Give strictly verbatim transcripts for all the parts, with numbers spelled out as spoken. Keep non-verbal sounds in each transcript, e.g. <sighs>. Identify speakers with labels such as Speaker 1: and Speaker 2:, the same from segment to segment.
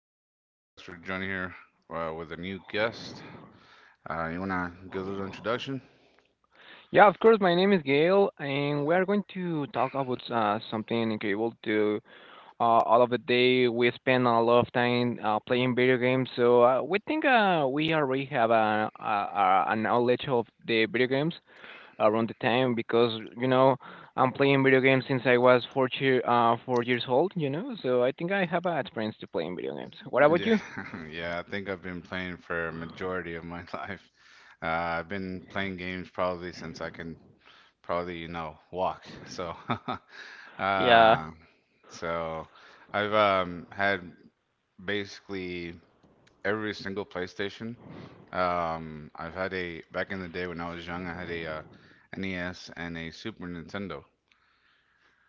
Speaker 1: with another podcast. We're Johnny here, uh, with a new guest. Uh, you want to give a little introduction?
Speaker 2: yeah, of course. My name is Gail, and we are going to talk about uh, something incredible to uh, all of the day. We spend a lot of time uh, playing video games, so uh, we think uh, we already have a, a, a a knowledge of the video games around the time because you know I'm playing video games since I was four year, uh, four years old. You know, so I think I have uh, experience to playing video games. What about
Speaker 1: Yeah,
Speaker 2: you?
Speaker 1: <laughs> yeah. I think I've been playing for a majority of my <laughs> life. Uh, I've been playing games probably since I can probably, you know, walk. So, <laughs>
Speaker 2: Yeah.
Speaker 1: uh, so I've um, had basically every single PlayStation. Um, I've had a back in the day when I was young, I had a uh, N E S and a Super Nintendo.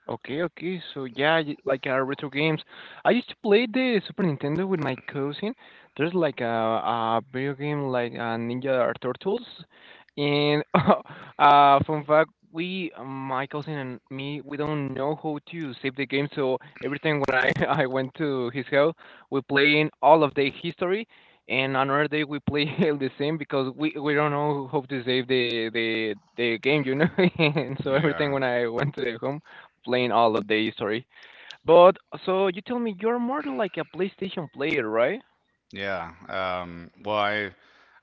Speaker 2: Okay, okay. So yeah, y- like uh, retro games. I used to play the Super Nintendo with my cousin. There's like a, a video game like uh, Ninja Turtles, and <laughs> uh, fun fact, we, uh, my cousin and me, we don't know how to save the game. So every time when I <laughs> I went to his house, we playing all of the history, and another day we play <laughs> the same because we we don't know how to save the the the game, you know. <laughs> And so every time
Speaker 1: Yeah,
Speaker 2: when I went to the home playing all the day, sorry. But so you tell me you're more like a PlayStation player, right?
Speaker 1: yeah. Um, well, I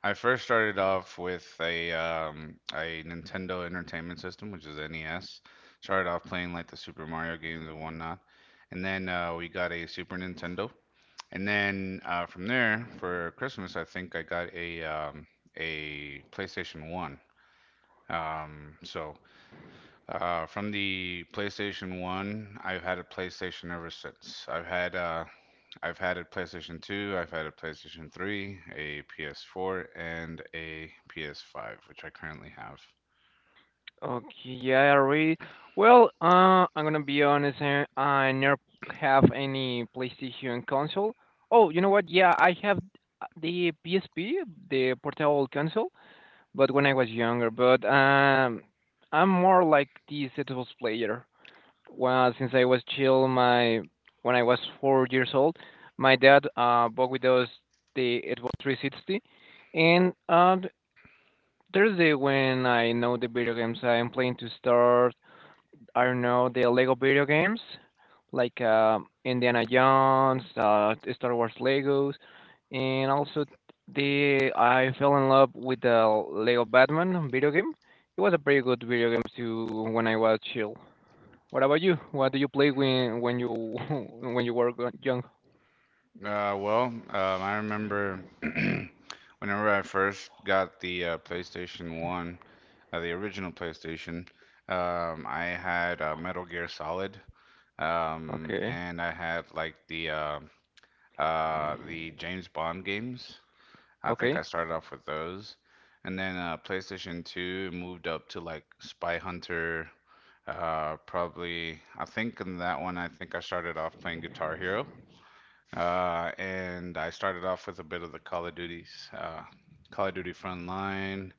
Speaker 1: I first started off with a um, a Nintendo Entertainment System, which is N E S. Started off playing like the Super Mario games and whatnot, and then uh, we got a Super Nintendo. And then uh, from there, for Christmas, I think I got a um, a PlayStation One. Um, so Uh, from the PlayStation one, I've had a PlayStation ever since. I've had uh, I've had a PlayStation two, I've had a PlayStation three, a P S four, and a P S five, which I currently have.
Speaker 2: Okay, yeah, I read. Well, uh, I'm gonna be honest, uh, I never have any PlayStation console. Oh, you know what? Yeah, I have the P S P, the portable console, but when I was younger. But um, I'm more like the Xbox player. Well, since I was chill, my when I was four years old, my dad uh bought with us the Xbox three sixty, and uh th- Thursday when I know the video games I'm playing to start, I don't know the Lego video games, like uh, Indiana Jones, uh, Star Wars Legos, and also the I fell in love with the Lego Batman video game. It was a pretty good video game to when I was chill. What about you? What do you play when when you <laughs> when you were go- young?
Speaker 1: Uh, well, um, I remember <clears throat> whenever I first got the uh, PlayStation one, uh, the original PlayStation. um, I had uh, Metal Gear Solid. um,
Speaker 2: Okay.
Speaker 1: and I had like the uh, uh, the James Bond games. I think
Speaker 2: Okay.
Speaker 1: I started off with those. And then uh, PlayStation two moved up to like Spy Hunter. Uh, probably, I think in that one, I think I started off playing Guitar Hero. Uh, and I started off with a bit of the Call of Duties: uh, Call of Duty Frontline,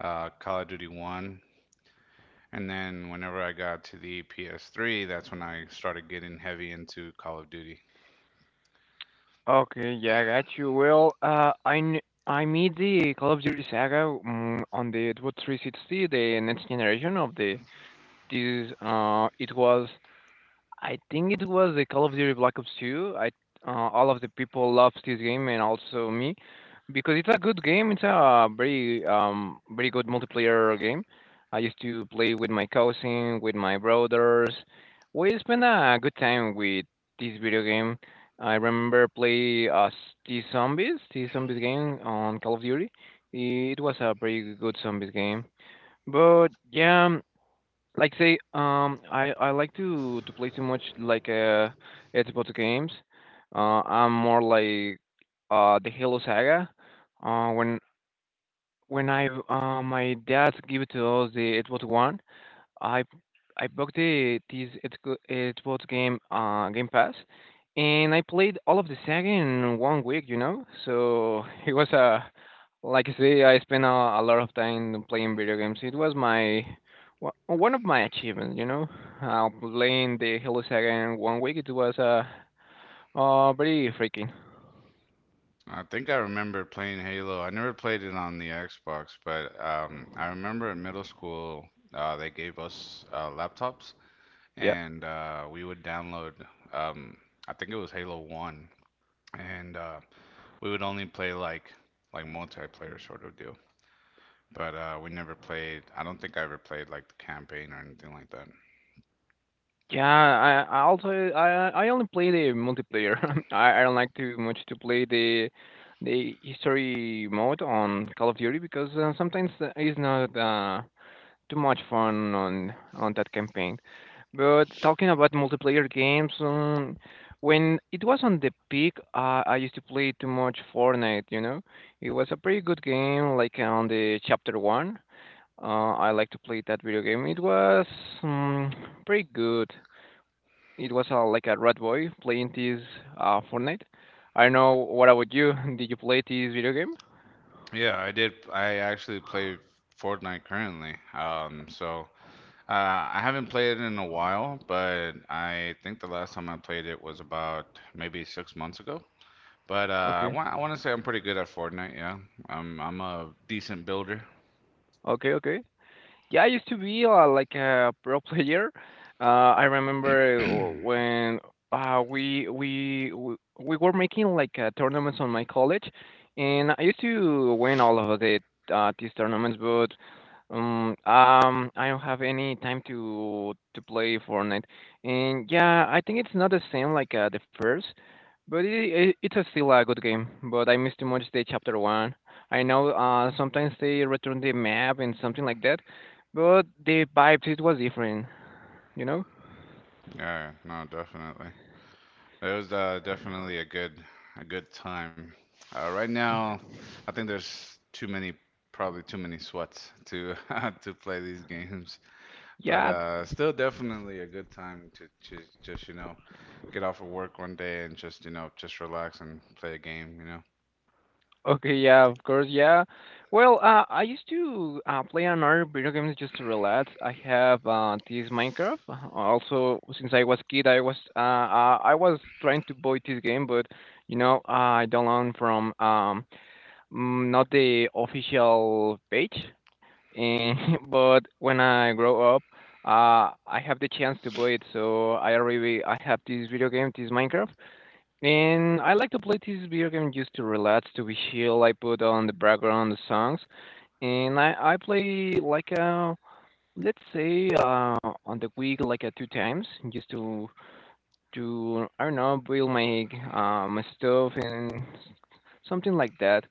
Speaker 1: uh, Call of Duty one. And then whenever I got to the P S three, that's when I started getting heavy into Call of Duty.
Speaker 2: Okay, yeah, I got you. Well, uh, I kn- I made the Call of Duty Saga mm on the Xbox three sixty, the next generation of the this. Uh, it was I think it was the Call of Duty Black Ops two. I uh, All of the people loved this game and also me because it's a good game. It's a very um very good multiplayer game. I used to play with my cousin, with my brothers. We spent a good time with this video game. I remember play uh T Zombies, T Zombies game on Call of Duty. It was a pretty good zombies game. But yeah, like say um i i like to to play too much like uh Xbox games. uh I'm more like uh the Halo saga. Uh when when I uh My dad gave it to us the Xbox One. I I booked the this it go- it was game uh Game Pass, and I played all of the saga in one week. You know, so <laughs> it was a like I say, I spent a, a lot of time playing video games. It was my wa- one of my achievements. You know, uh, playing the Halo Saga in one week. It was uh, uh very freaking.
Speaker 1: I think I remember playing Halo. I never played it on the Xbox, but um, I remember in middle school uh, they gave us uh, laptops,
Speaker 2: Yeah.
Speaker 1: and uh, we would download. um, I think it was Halo one, and uh, we would only play like like multiplayer sort of deal. But uh, we never played. I don't think I ever played like the campaign or anything like that.
Speaker 2: Yeah, I I also I I only play the multiplayer. <laughs> I I don't like too much to play the the history mode on Call of Duty because uh, sometimes uh, it's not uh, too much fun on on that campaign. But talking about multiplayer games, um, when it was on the peak, uh, I used to play too much Fortnite. You know, it was a pretty good game. Like uh, on the chapter one, uh, I like to play that video game. It was um, pretty good. It was uh, like a rat boy playing this uh, Fortnite. I don't know what about you. <laughs> Did you play this video game?
Speaker 1: Yeah, I did. I actually play Fortnite currently. Um, so. Uh, I haven't played it in a while, but I think the last time I played it was about maybe six months ago. But uh, I
Speaker 2: Okay,
Speaker 1: want I want to say I'm pretty good at Fortnite. Yeah, I'm I'm a decent builder.
Speaker 2: okay, okay. Yeah, I used to be uh, like a <laughs> pro player. Uh, I remember uh, when uh, we we we we were making like uh, tournaments on my college, and I used to win all of the uh, these tournaments. But Um, um, I don't have any time to to play Fortnite, and yeah, I think it's not the same like uh, the first, but it, it it's a still a good game. But I miss too much the chapter one. I know uh sometimes they return the map and something like that, but the vibes it was different, you know.
Speaker 1: Yeah, no, definitely. It was uh, definitely a good a good time. Uh, right
Speaker 2: Yeah,
Speaker 1: now, I think there's too many probably too many sweats to <laughs> to play these games. But
Speaker 2: yeah,
Speaker 1: uh, still, definitely a good time to just, just you know, get off of work one day and just you know, just relax and play a game. You know,
Speaker 2: okay, yeah, of course, yeah. Well, uh, I used to uh, play another video games just to relax. I have uh, this Minecraft. Uh, Also, since I was kid, I was uh, uh, I was trying to buy this game, but you know, I download from um mm, not the official page. And <laughs> but when I grow up, uh, I have the chance to buy it. So I already I have this video game, this Minecraft. And I like to play this video game just to relax, to be chill. I put on the background the songs, and I I play like a let's say uh on the week like a two times just to to I don't know build my uh my stuff and something like that.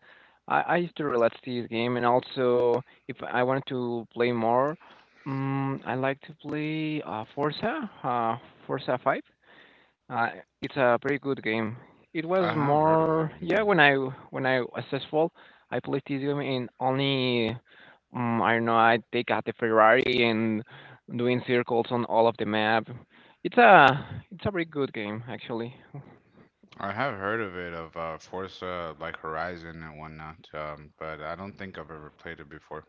Speaker 2: I I used to relax this game, and also if I wanted to play more, um, I like to play uh Forza, uh Forza Five. Uh, it's a pretty good game. It
Speaker 1: I
Speaker 2: was
Speaker 1: have heard of that
Speaker 2: more
Speaker 1: one
Speaker 2: yeah
Speaker 1: now.
Speaker 2: when I when I was successful, I played this game in only um, I don't know I take out the Ferrari and doing circles on all of the map. It's a it's a pretty good game actually.
Speaker 1: I have heard of it of uh, Forza like Horizon and whatnot, um, but I don't think I've ever played it before.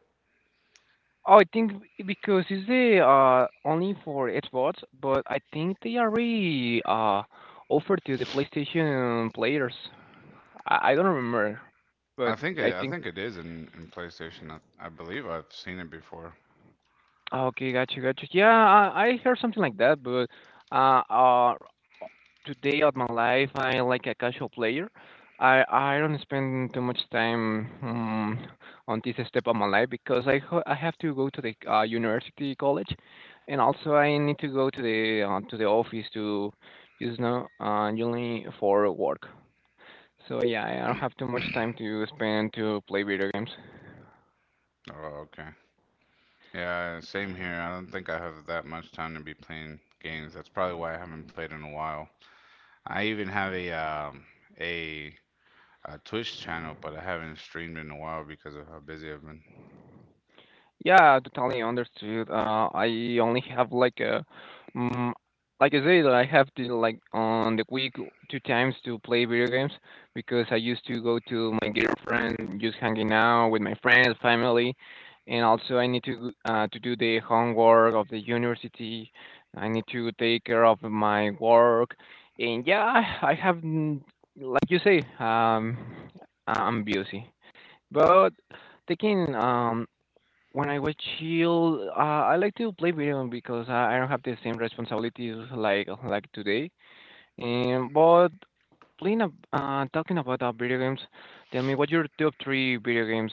Speaker 2: Oh, I think because it's the uh only for Xbox, but I think they already uh offered to the PlayStation players. I, I don't remember, but
Speaker 1: I think
Speaker 2: I
Speaker 1: it, I
Speaker 2: think
Speaker 1: think it is in, in PlayStation. I, I believe I've seen it before.
Speaker 2: ah, okay, gotcha, gotcha. Yeah, I, I heard something like that, but uh, uh, today of my life, I like a casual player. I I don't spend too much time um, on this step of my life because I ho- I have to go to the uh, university college, and also I need to go to the uh, to the office to, you know, uh, only for work. So yeah, I don't have too much time to spend to play video games.
Speaker 1: Oh, okay. Yeah, same here. I don't think I have that much time to be playing games. That's probably why I haven't played in a while. I even have a um, a a Twitch channel, but I haven't streamed in a while because of how busy I've been.
Speaker 2: Yeah, totally understood. Uh, I only have like a, mm like I said, I have to like on the week two times to play video games because I used to go to my girlfriend, just hanging out with my friends, family, and also I need to uh, to do the homework of the university. I need to take care of my work, and yeah, I I have mm, like you say, um, I'm busy, but taking um when I was chill, uh, I like to play video game because I I don't have the same responsibilities like like today. Um, but playing a, uh, talking about uh, video games, tell me what your top three video games.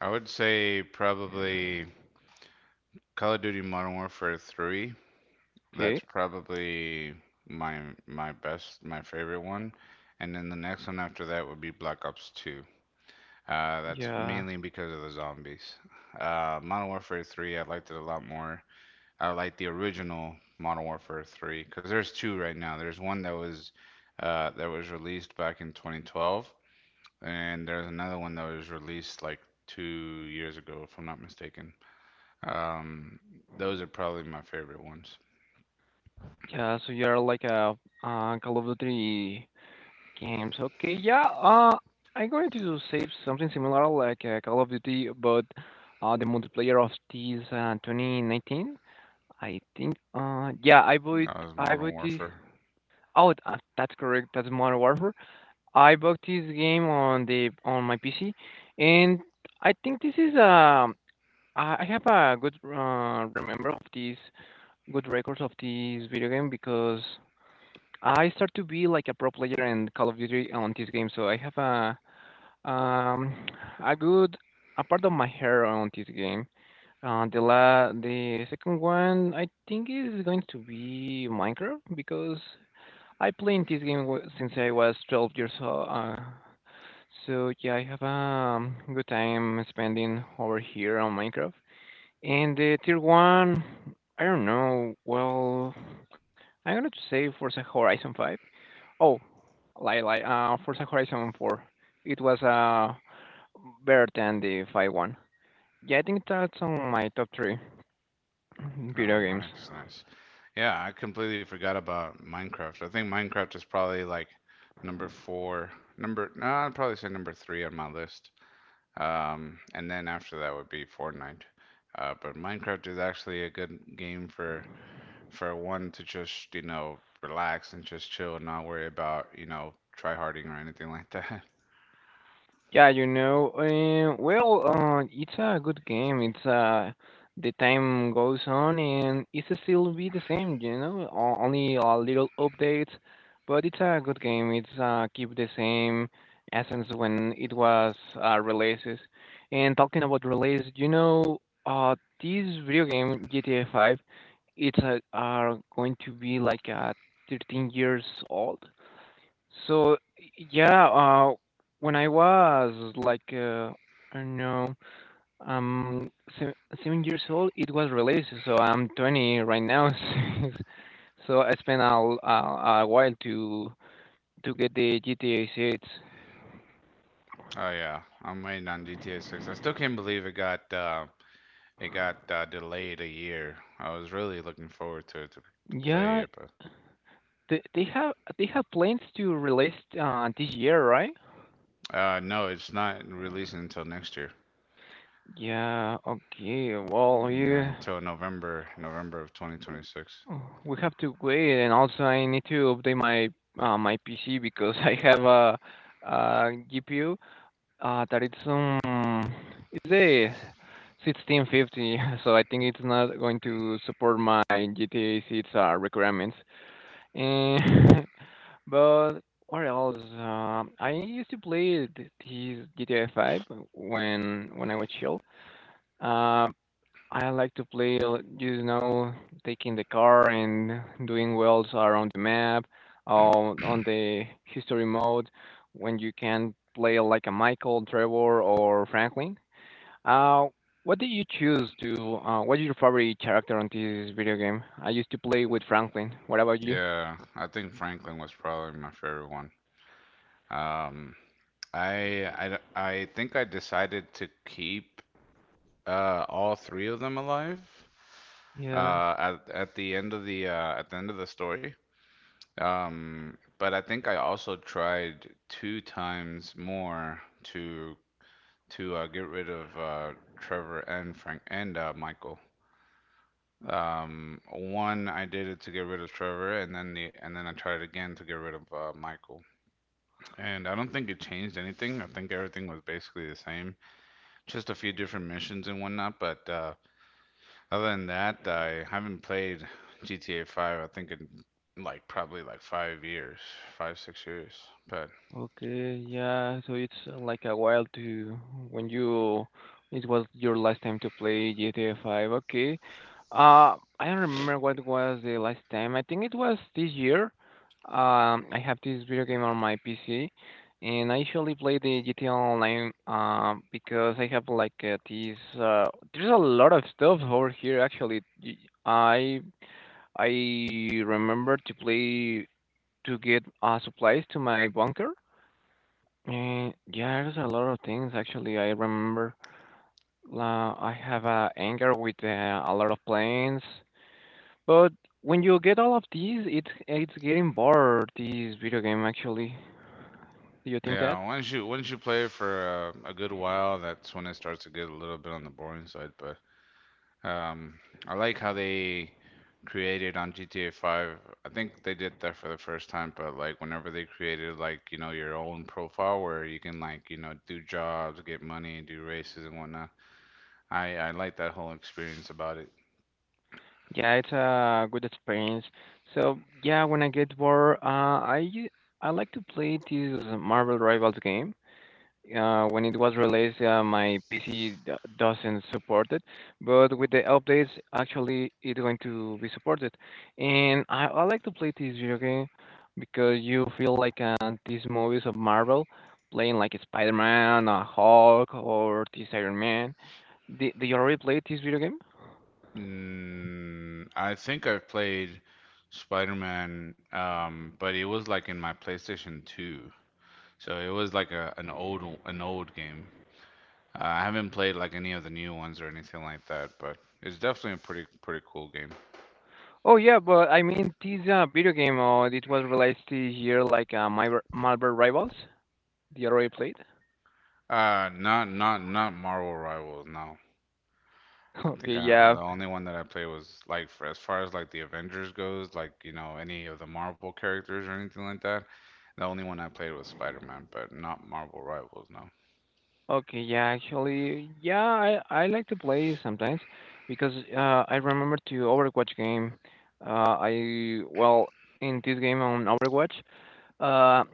Speaker 1: I would say probably Call of Duty Modern Warfare three.
Speaker 2: Okay.
Speaker 1: That's probably my my best, my favorite one. And then the next one after that would be Black Ops two. Uh, that's
Speaker 2: Yeah.
Speaker 1: mainly because of the zombies. Uh, Modern Warfare three, I liked it a lot more. I like the original Modern Warfare three because there's two right now. There's one that was uh, that was released back in twenty twelve, And there's another one that was released like two years ago, if I'm not mistaken. Um, those are probably my favorite ones.
Speaker 2: Yeah. So you're like a uh, Call of Duty games. Okay. Yeah. Uh, I'm going to say something similar like uh, Call of Duty, but uh, the multiplayer of this uh, twenty nineteen. I think. Uh, yeah. I bought.
Speaker 1: That was
Speaker 2: I
Speaker 1: Modern
Speaker 2: bought this
Speaker 1: Warfare.
Speaker 2: oh, th- uh, that's correct. That's Modern Warfare. I bought this game on the on my P C, and I think this is um I I have a good uh, remember of these good records of this video game because I start to be like a pro player in Call of Duty on this game, so I have a um a good a part of my hair on this game. Uh, the la the second one I think is going to be Minecraft because I played this game w- since I was twelve years old. Uh, so yeah, I have a um, good time spending over here on Minecraft. And the tier one, I don't know. Well, I'm gonna say Forza Horizon five. Oh, lie, lie. Uh, Forza Horizon four. It was uh better than the five one. Yeah, I think that's on my top three
Speaker 1: Oh,
Speaker 2: video games.
Speaker 1: nice, nice. Yeah, I completely forgot about Minecraft. I think Minecraft is probably like number four, number, no, I'd probably say number three on my list. Um, and then after that would be Fortnite. Uh, but Minecraft is actually a good game for for one to just, you know, relax and just chill and not worry about, you know, tryharding or anything like that. <laughs>
Speaker 2: Yeah, you know, uh, well, uh, it's a good game. It's uh, The time goes on and it's still be the same, you know, o- only a little updates, but it's a good game. It's uh, Keep the same essence when it was uh, releases. And talking about release, you know, uh, this video game G T A five, it's uh, are going to be like uh, thirteen years old so yeah, uh, when I was like uh, I don't know, um, seven, seven years old, it was released. So I'm twenty right now. <laughs> So I spent a, l- a, a while to to get the G T A six.
Speaker 1: Oh yeah, I'm waiting on G T A six. I still can't believe it got uh, it got uh, delayed a year. I was really looking forward to it to to play
Speaker 2: Yeah,
Speaker 1: it, but
Speaker 2: they, they have they have plans to release uh, this year, right?
Speaker 1: uh, no, it's not releasing until next year.
Speaker 2: Yeah. Okay. Well,
Speaker 1: Yeah,
Speaker 2: you.
Speaker 1: until November, November of twenty twenty-six.
Speaker 2: Oh, we have to wait, and also I need to update my uh, my P C because <laughs> I have a G P U uh, that it's um it's a sixteen fifty, <laughs> so I think it's not going to support my G T A six uh, requirements. And <laughs> but what else? Um I used to play th- these G T A five when when I was chill. Um I like to play, uh, you know, taking the car and doing wells around the map, uh, on the history mode when you can play like a Michael, Trevor, or Franklin. Uh, what did you choose to? Uh, what is your favorite character on this video game? I used to play with Franklin. What about you?
Speaker 1: Yeah, I think Franklin was probably my favorite one. Um, I, I, I think I decided to keep Uh, all three of them alive.
Speaker 2: Yeah.
Speaker 1: Uh, at at the end of the uh, at the end of the story. Um, but I think I also tried two times more to to uh, get rid of uh, Trevor and Frank and uh, Michael. Um, one I did it to get rid of Trevor, and then the and then I tried it again to get rid of uh, Michael. And I don't think it changed anything. I think everything was basically the same, just a few different missions and whatnot. But uh, Other than that, I haven't played G T A five, I think in like probably like five years, five, six years. But
Speaker 2: Okay, yeah, so it's uh, like a while to when you it was your last time to play G T A five. Okay. Uh, I don't remember what was the last time. I think it was this year. Um, I have this video game on my P C, and I usually play the G T A Online um because I have like uh, these uh there's a lot of stuff over here actually. Y- I I remember to play to get uh supplies to my bunker and yeah, there's a lot of things actually. I remember uh, I have a anger with uh, a lot of planes, but when you get all of these, it's it's getting bored. This video game actually. Do you think that?
Speaker 1: yeah, once you once you play for a, a good while, that's when it starts to get a little bit on the boring side. But um, I like how they created on G T A five. I think they did that for the first time, but like whenever they created like, you know, your own profile where you can like, you know, do jobs, get money, do races and whatnot. I I like that whole experience about it.
Speaker 2: Yeah, it's a good experience. So yeah, when I get bored, uh, I u- I like to play this Marvel Rivals game. Uh, when it was released, uh, my P C doesn't support it, but with the updates, actually, it's going to be supported. And I, I like to play this video game because you feel like uh, these movies of Marvel, playing like Spider-Man, uh, Hulk, or this Iron Man. Did, did you already play this video game?
Speaker 1: Mm, I think I've played Spider-Man, um, but it was like in my PlayStation two. So it was like a an old an old game. Uh, I haven't played like any of the new ones or anything like that, but it's definitely a pretty pretty cool game.
Speaker 2: Oh yeah, but I mean this uh, video game. Uh, it was released this year, like uh, Marvel Marvel Rivals. Did you already played?
Speaker 1: Uh, not not not Marvel Rivals, no.
Speaker 2: <laughs>
Speaker 1: I
Speaker 2: Okay,
Speaker 1: think I,
Speaker 2: yeah,
Speaker 1: the only one that I played was like for as far as like the Avengers goes, like you know any of the Marvel characters or anything like that. The only one I played was Spider-Man, but not Marvel Rivals, No.
Speaker 2: okay, yeah, actually, yeah, I, I like to play sometimes because uh, I remember to Overwatch game. Uh, I well in this game on Overwatch, uh,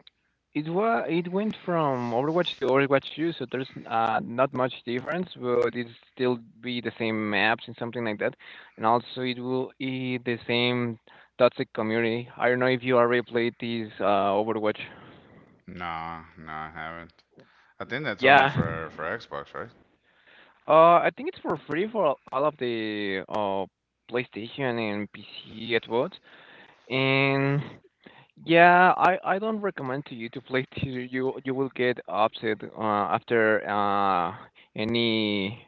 Speaker 2: it wa it went from Overwatch to Overwatch two, so there's uh, not much difference, but it still be the same maps and something like that, and also it will be the same toxic community. I don't know if you already played this uh, Overwatch.
Speaker 1: No, no, I haven't. I think that's only
Speaker 2: Yeah.
Speaker 1: for for Xbox, right?
Speaker 2: Uh, I think it's for free for all of the uh PlayStation and P C at once. And yeah, I I don't recommend to you to play <laughs> to you you will get upset uh after uh any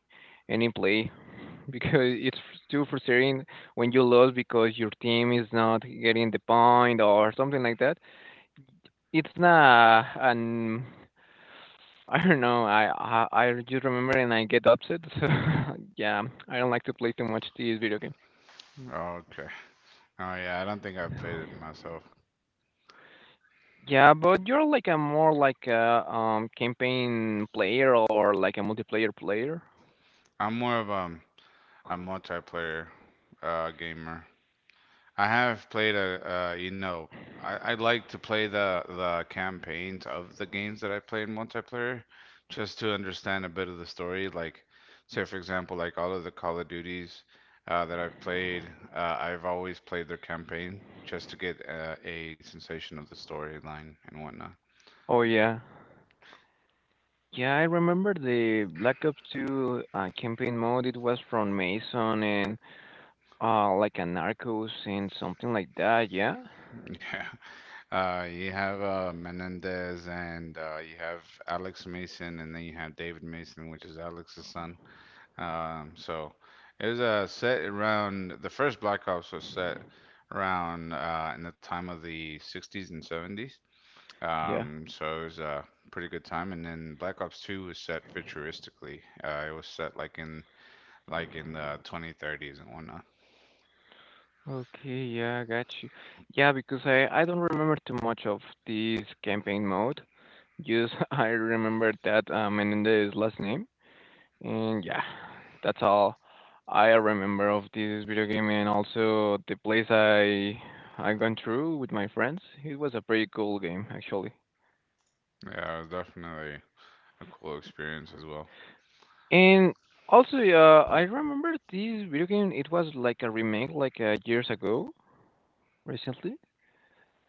Speaker 2: any play <laughs> because it's too frustrating when you lose because your team is not getting the point or something like that. It's not an I don't know. I I, I just remember and I get upset. <laughs> So yeah, I don't like to play too much this video game.
Speaker 1: Okay. Oh yeah, I don't think I've played it myself.
Speaker 2: Yeah, but you're like a more like a um campaign player or like a multiplayer player.
Speaker 1: I'm more of um a multiplayer uh gamer. I have played a, uh, you know, I, I like to play the the campaigns of the games that I play in multiplayer, just to understand a bit of the story. Like, say for example, like all of the Call of Duties uh, that I've played, uh, I've always played their campaign just to get uh, a sensation of the storyline and whatnot.
Speaker 2: Oh yeah. Yeah, I remember the Black Ops two uh, campaign mode. It was from Mason and uh like a Narcos and something like that. Yeah.
Speaker 1: <laughs> Yeah, uh, you have uh, Menendez, and uh, you have Alex Mason, and then you have David Mason, which is Alex's son. Um, so it was uh, set around the first Black Ops was set around, uh, in the time of the sixties and seventies.
Speaker 2: Yeah.
Speaker 1: Um, so it was a pretty good time. And then Black Ops two was set futuristically. Uh, it was set like in like in the twenty thirties and whatnot.
Speaker 2: Okay, yeah, I got you. Yeah, because I I don't remember too much of this campaign mode. Yes, <laughs> I remember that uh, Menendez last name, and yeah, that's all I remember of this video game, and also the place I I gone through with my friends. It was a pretty cool game actually,
Speaker 1: Yeah, it was definitely a cool experience as well.
Speaker 2: and also uh, I remember this video game. It was like a remake, like uh, years ago, recently.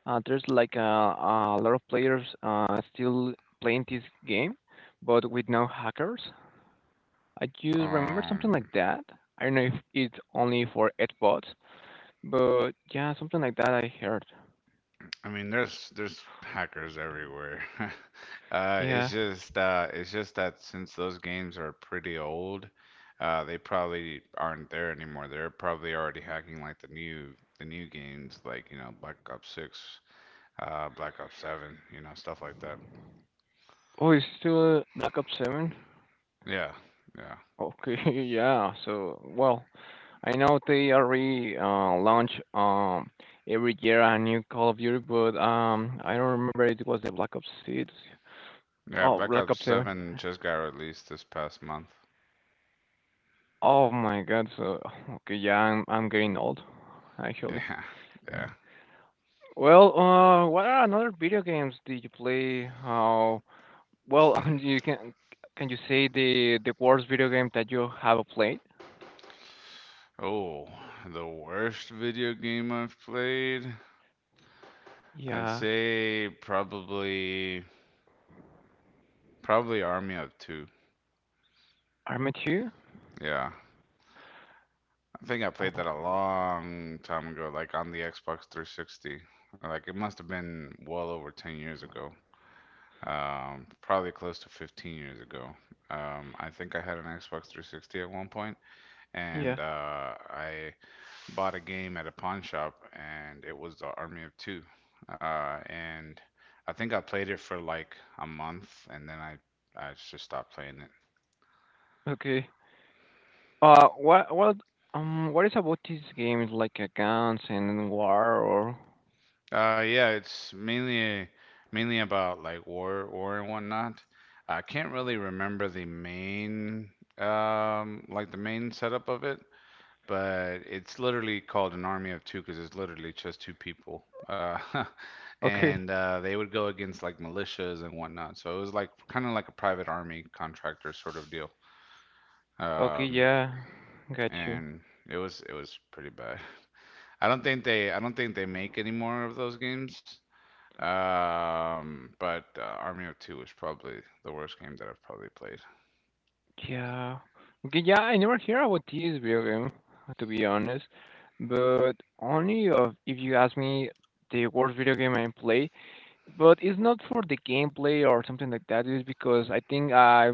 Speaker 2: Uh, there's like a, a lot of players uh, still playing this game, but with no hackers. I just remember something
Speaker 1: Um,
Speaker 2: like that. I don't know if it's only for Xbox, but yeah, something like that I heard.
Speaker 1: I mean, there's there's hackers everywhere. <laughs> uh, it's
Speaker 2: Yeah.
Speaker 1: just uh, it's just that since those games are pretty old, uh, they probably aren't there anymore. They're probably already hacking like the new the new games, like you know Black Ops Six, uh, Black Ops Seven, you know stuff like that.
Speaker 2: Oh, it's still Black Ops seven?
Speaker 1: Yeah, yeah,
Speaker 2: Okay, <laughs> yeah. So, well, I know they already uh, launch um every year a new Call of Duty, but um I don't remember it was the Black Ops six.
Speaker 1: yeah.
Speaker 2: Oh,
Speaker 1: Black
Speaker 2: Black
Speaker 1: Ops
Speaker 2: Ops seven.
Speaker 1: Seven just got released this past month.
Speaker 2: Oh my God. So, <sighs> okay, yeah, I'm I'm getting old, actually.
Speaker 1: Yeah, <laughs> yeah.
Speaker 2: Well, uh, what are another video games did you play? How well, <laughs> you can can you say the the worst video game that you have played?
Speaker 1: Oh, the worst video game I've played. I'd
Speaker 2: Yeah,
Speaker 1: say probably. Probably Army of Two.
Speaker 2: Arma two?
Speaker 1: Yeah. I think I played that a
Speaker 2: Oh,
Speaker 1: long time ago, like on the Xbox three sixty. Like it must have been well over ten years ago. Um, probably close to fifteen years ago. Um, I think I had an Xbox three sixty at one point, and
Speaker 2: yeah.
Speaker 1: uh, I bought a game at a pawn shop, and it was the Army of Two. Uh, and I think I played it for like a month, and then I I just stopped playing.
Speaker 2: Okay. Uh, what what um what is about these games like uh, guns and war or? <laughs>
Speaker 1: Uh, yeah, it's mainly mainly about like war, war and whatnot. I can't really remember the main um like the main setup of it, but it's literally called an army of two because it's literally just two people. Uh, <laughs>
Speaker 2: Okay,
Speaker 1: and uh, they would go against like militias and whatnot. So it was like kind of like a private army contractor sort of deal.
Speaker 2: okay,
Speaker 1: Um,
Speaker 2: yeah, got you.
Speaker 1: and it was it was pretty bad. <laughs> I don't think they I don't think they make any more of those games. Um, but uh, Army of Two is probably the worst game that I've probably played.
Speaker 2: Yeah, okay, yeah. I never hear about this video game, to be honest. But only of if you ask me the worst video game I played. But it's not for the gameplay or something like that. It's because I think I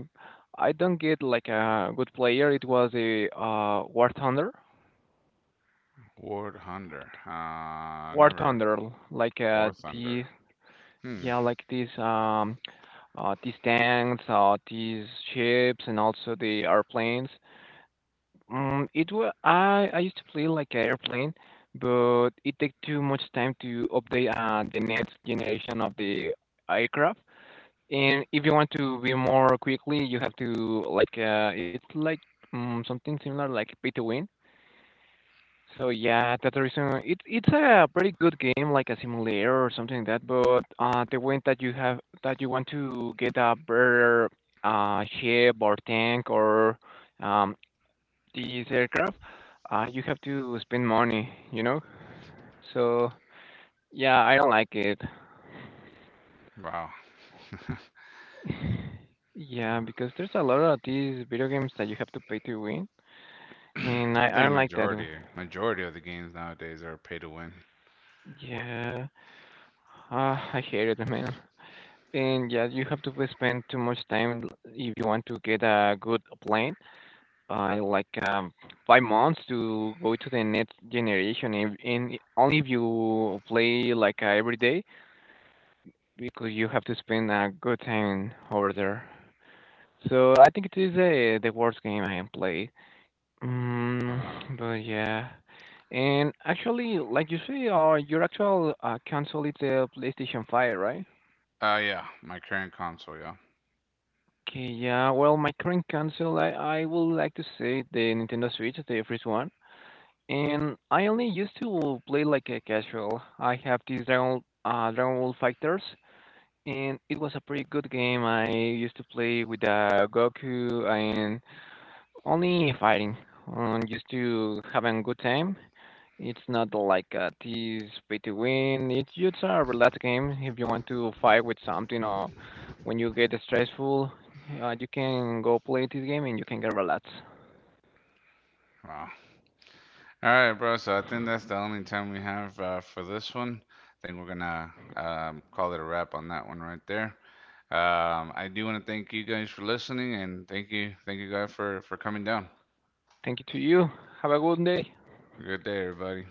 Speaker 2: I don't get like a good player. It was a uh War Thunder,
Speaker 1: War Thunder. Uh,
Speaker 2: War
Speaker 1: never.
Speaker 2: Thunder, like
Speaker 1: War
Speaker 2: uh
Speaker 1: Thunder.
Speaker 2: the
Speaker 1: Hmm.
Speaker 2: yeah like these um uh these tanks, uh these ships, and also the airplanes. Um, it wa I I used to play like an airplane, but it takes too much time to update uh the next generation of the aircraft. And if you want to be more quickly, you have to like uh, it's like um, something similar like pay to win. So yeah, that's the reason. It's it's a pretty good game, like a simulator or something like that. But uh, the way that you have that you want to get a better uh ship or tank or um these aircraft, uh, you have to spend money, you know. So yeah, I don't like it.
Speaker 1: Wow. <clears throat>
Speaker 2: Yeah, because there's a lot of these video games that you have to pay to win, and I,
Speaker 1: I
Speaker 2: I
Speaker 1: think
Speaker 2: don't like that.
Speaker 1: majority majority of the games nowadays are pay to win.
Speaker 2: Yeah, uh, I hate it, man. And yeah, you have to spend too much time if you want to get a good plane. Uh, like um, five months to go to the next generation, and, and i- only if you play like uh, every day, because you have to spend a good time over there. So I think it is uh, the worst game I have played.
Speaker 1: Wow.
Speaker 2: Mm, but yeah, and actually, like you say, uh, your actual uh, console is the PlayStation five, right?
Speaker 1: Uh, yeah. My current console. Yeah.
Speaker 2: Okay, yeah. Well, my current console, I I would like to say the Nintendo Switch, the first one, and I only used to play like a casual. I have this Dragon uh, Dragon Ball Fighters, and it was a pretty good game. I used to play with uh, Goku and only fighting, um, just to having a good time. It's not like a tease pay to win. It's just a relaxed game. If you want to fight with something or when you get stressful, uh, you can go play this game and you can get relaxed.
Speaker 1: Wow. All right, bro. So I think that's the only time we have uh, for this one. I think we're gonna um, call it a wrap on that one right there. Um, I do want to thank you guys for listening, and thank you, thank you guys for for coming down.
Speaker 2: Thank you to you. Have a good day.
Speaker 1: Good day, everybody.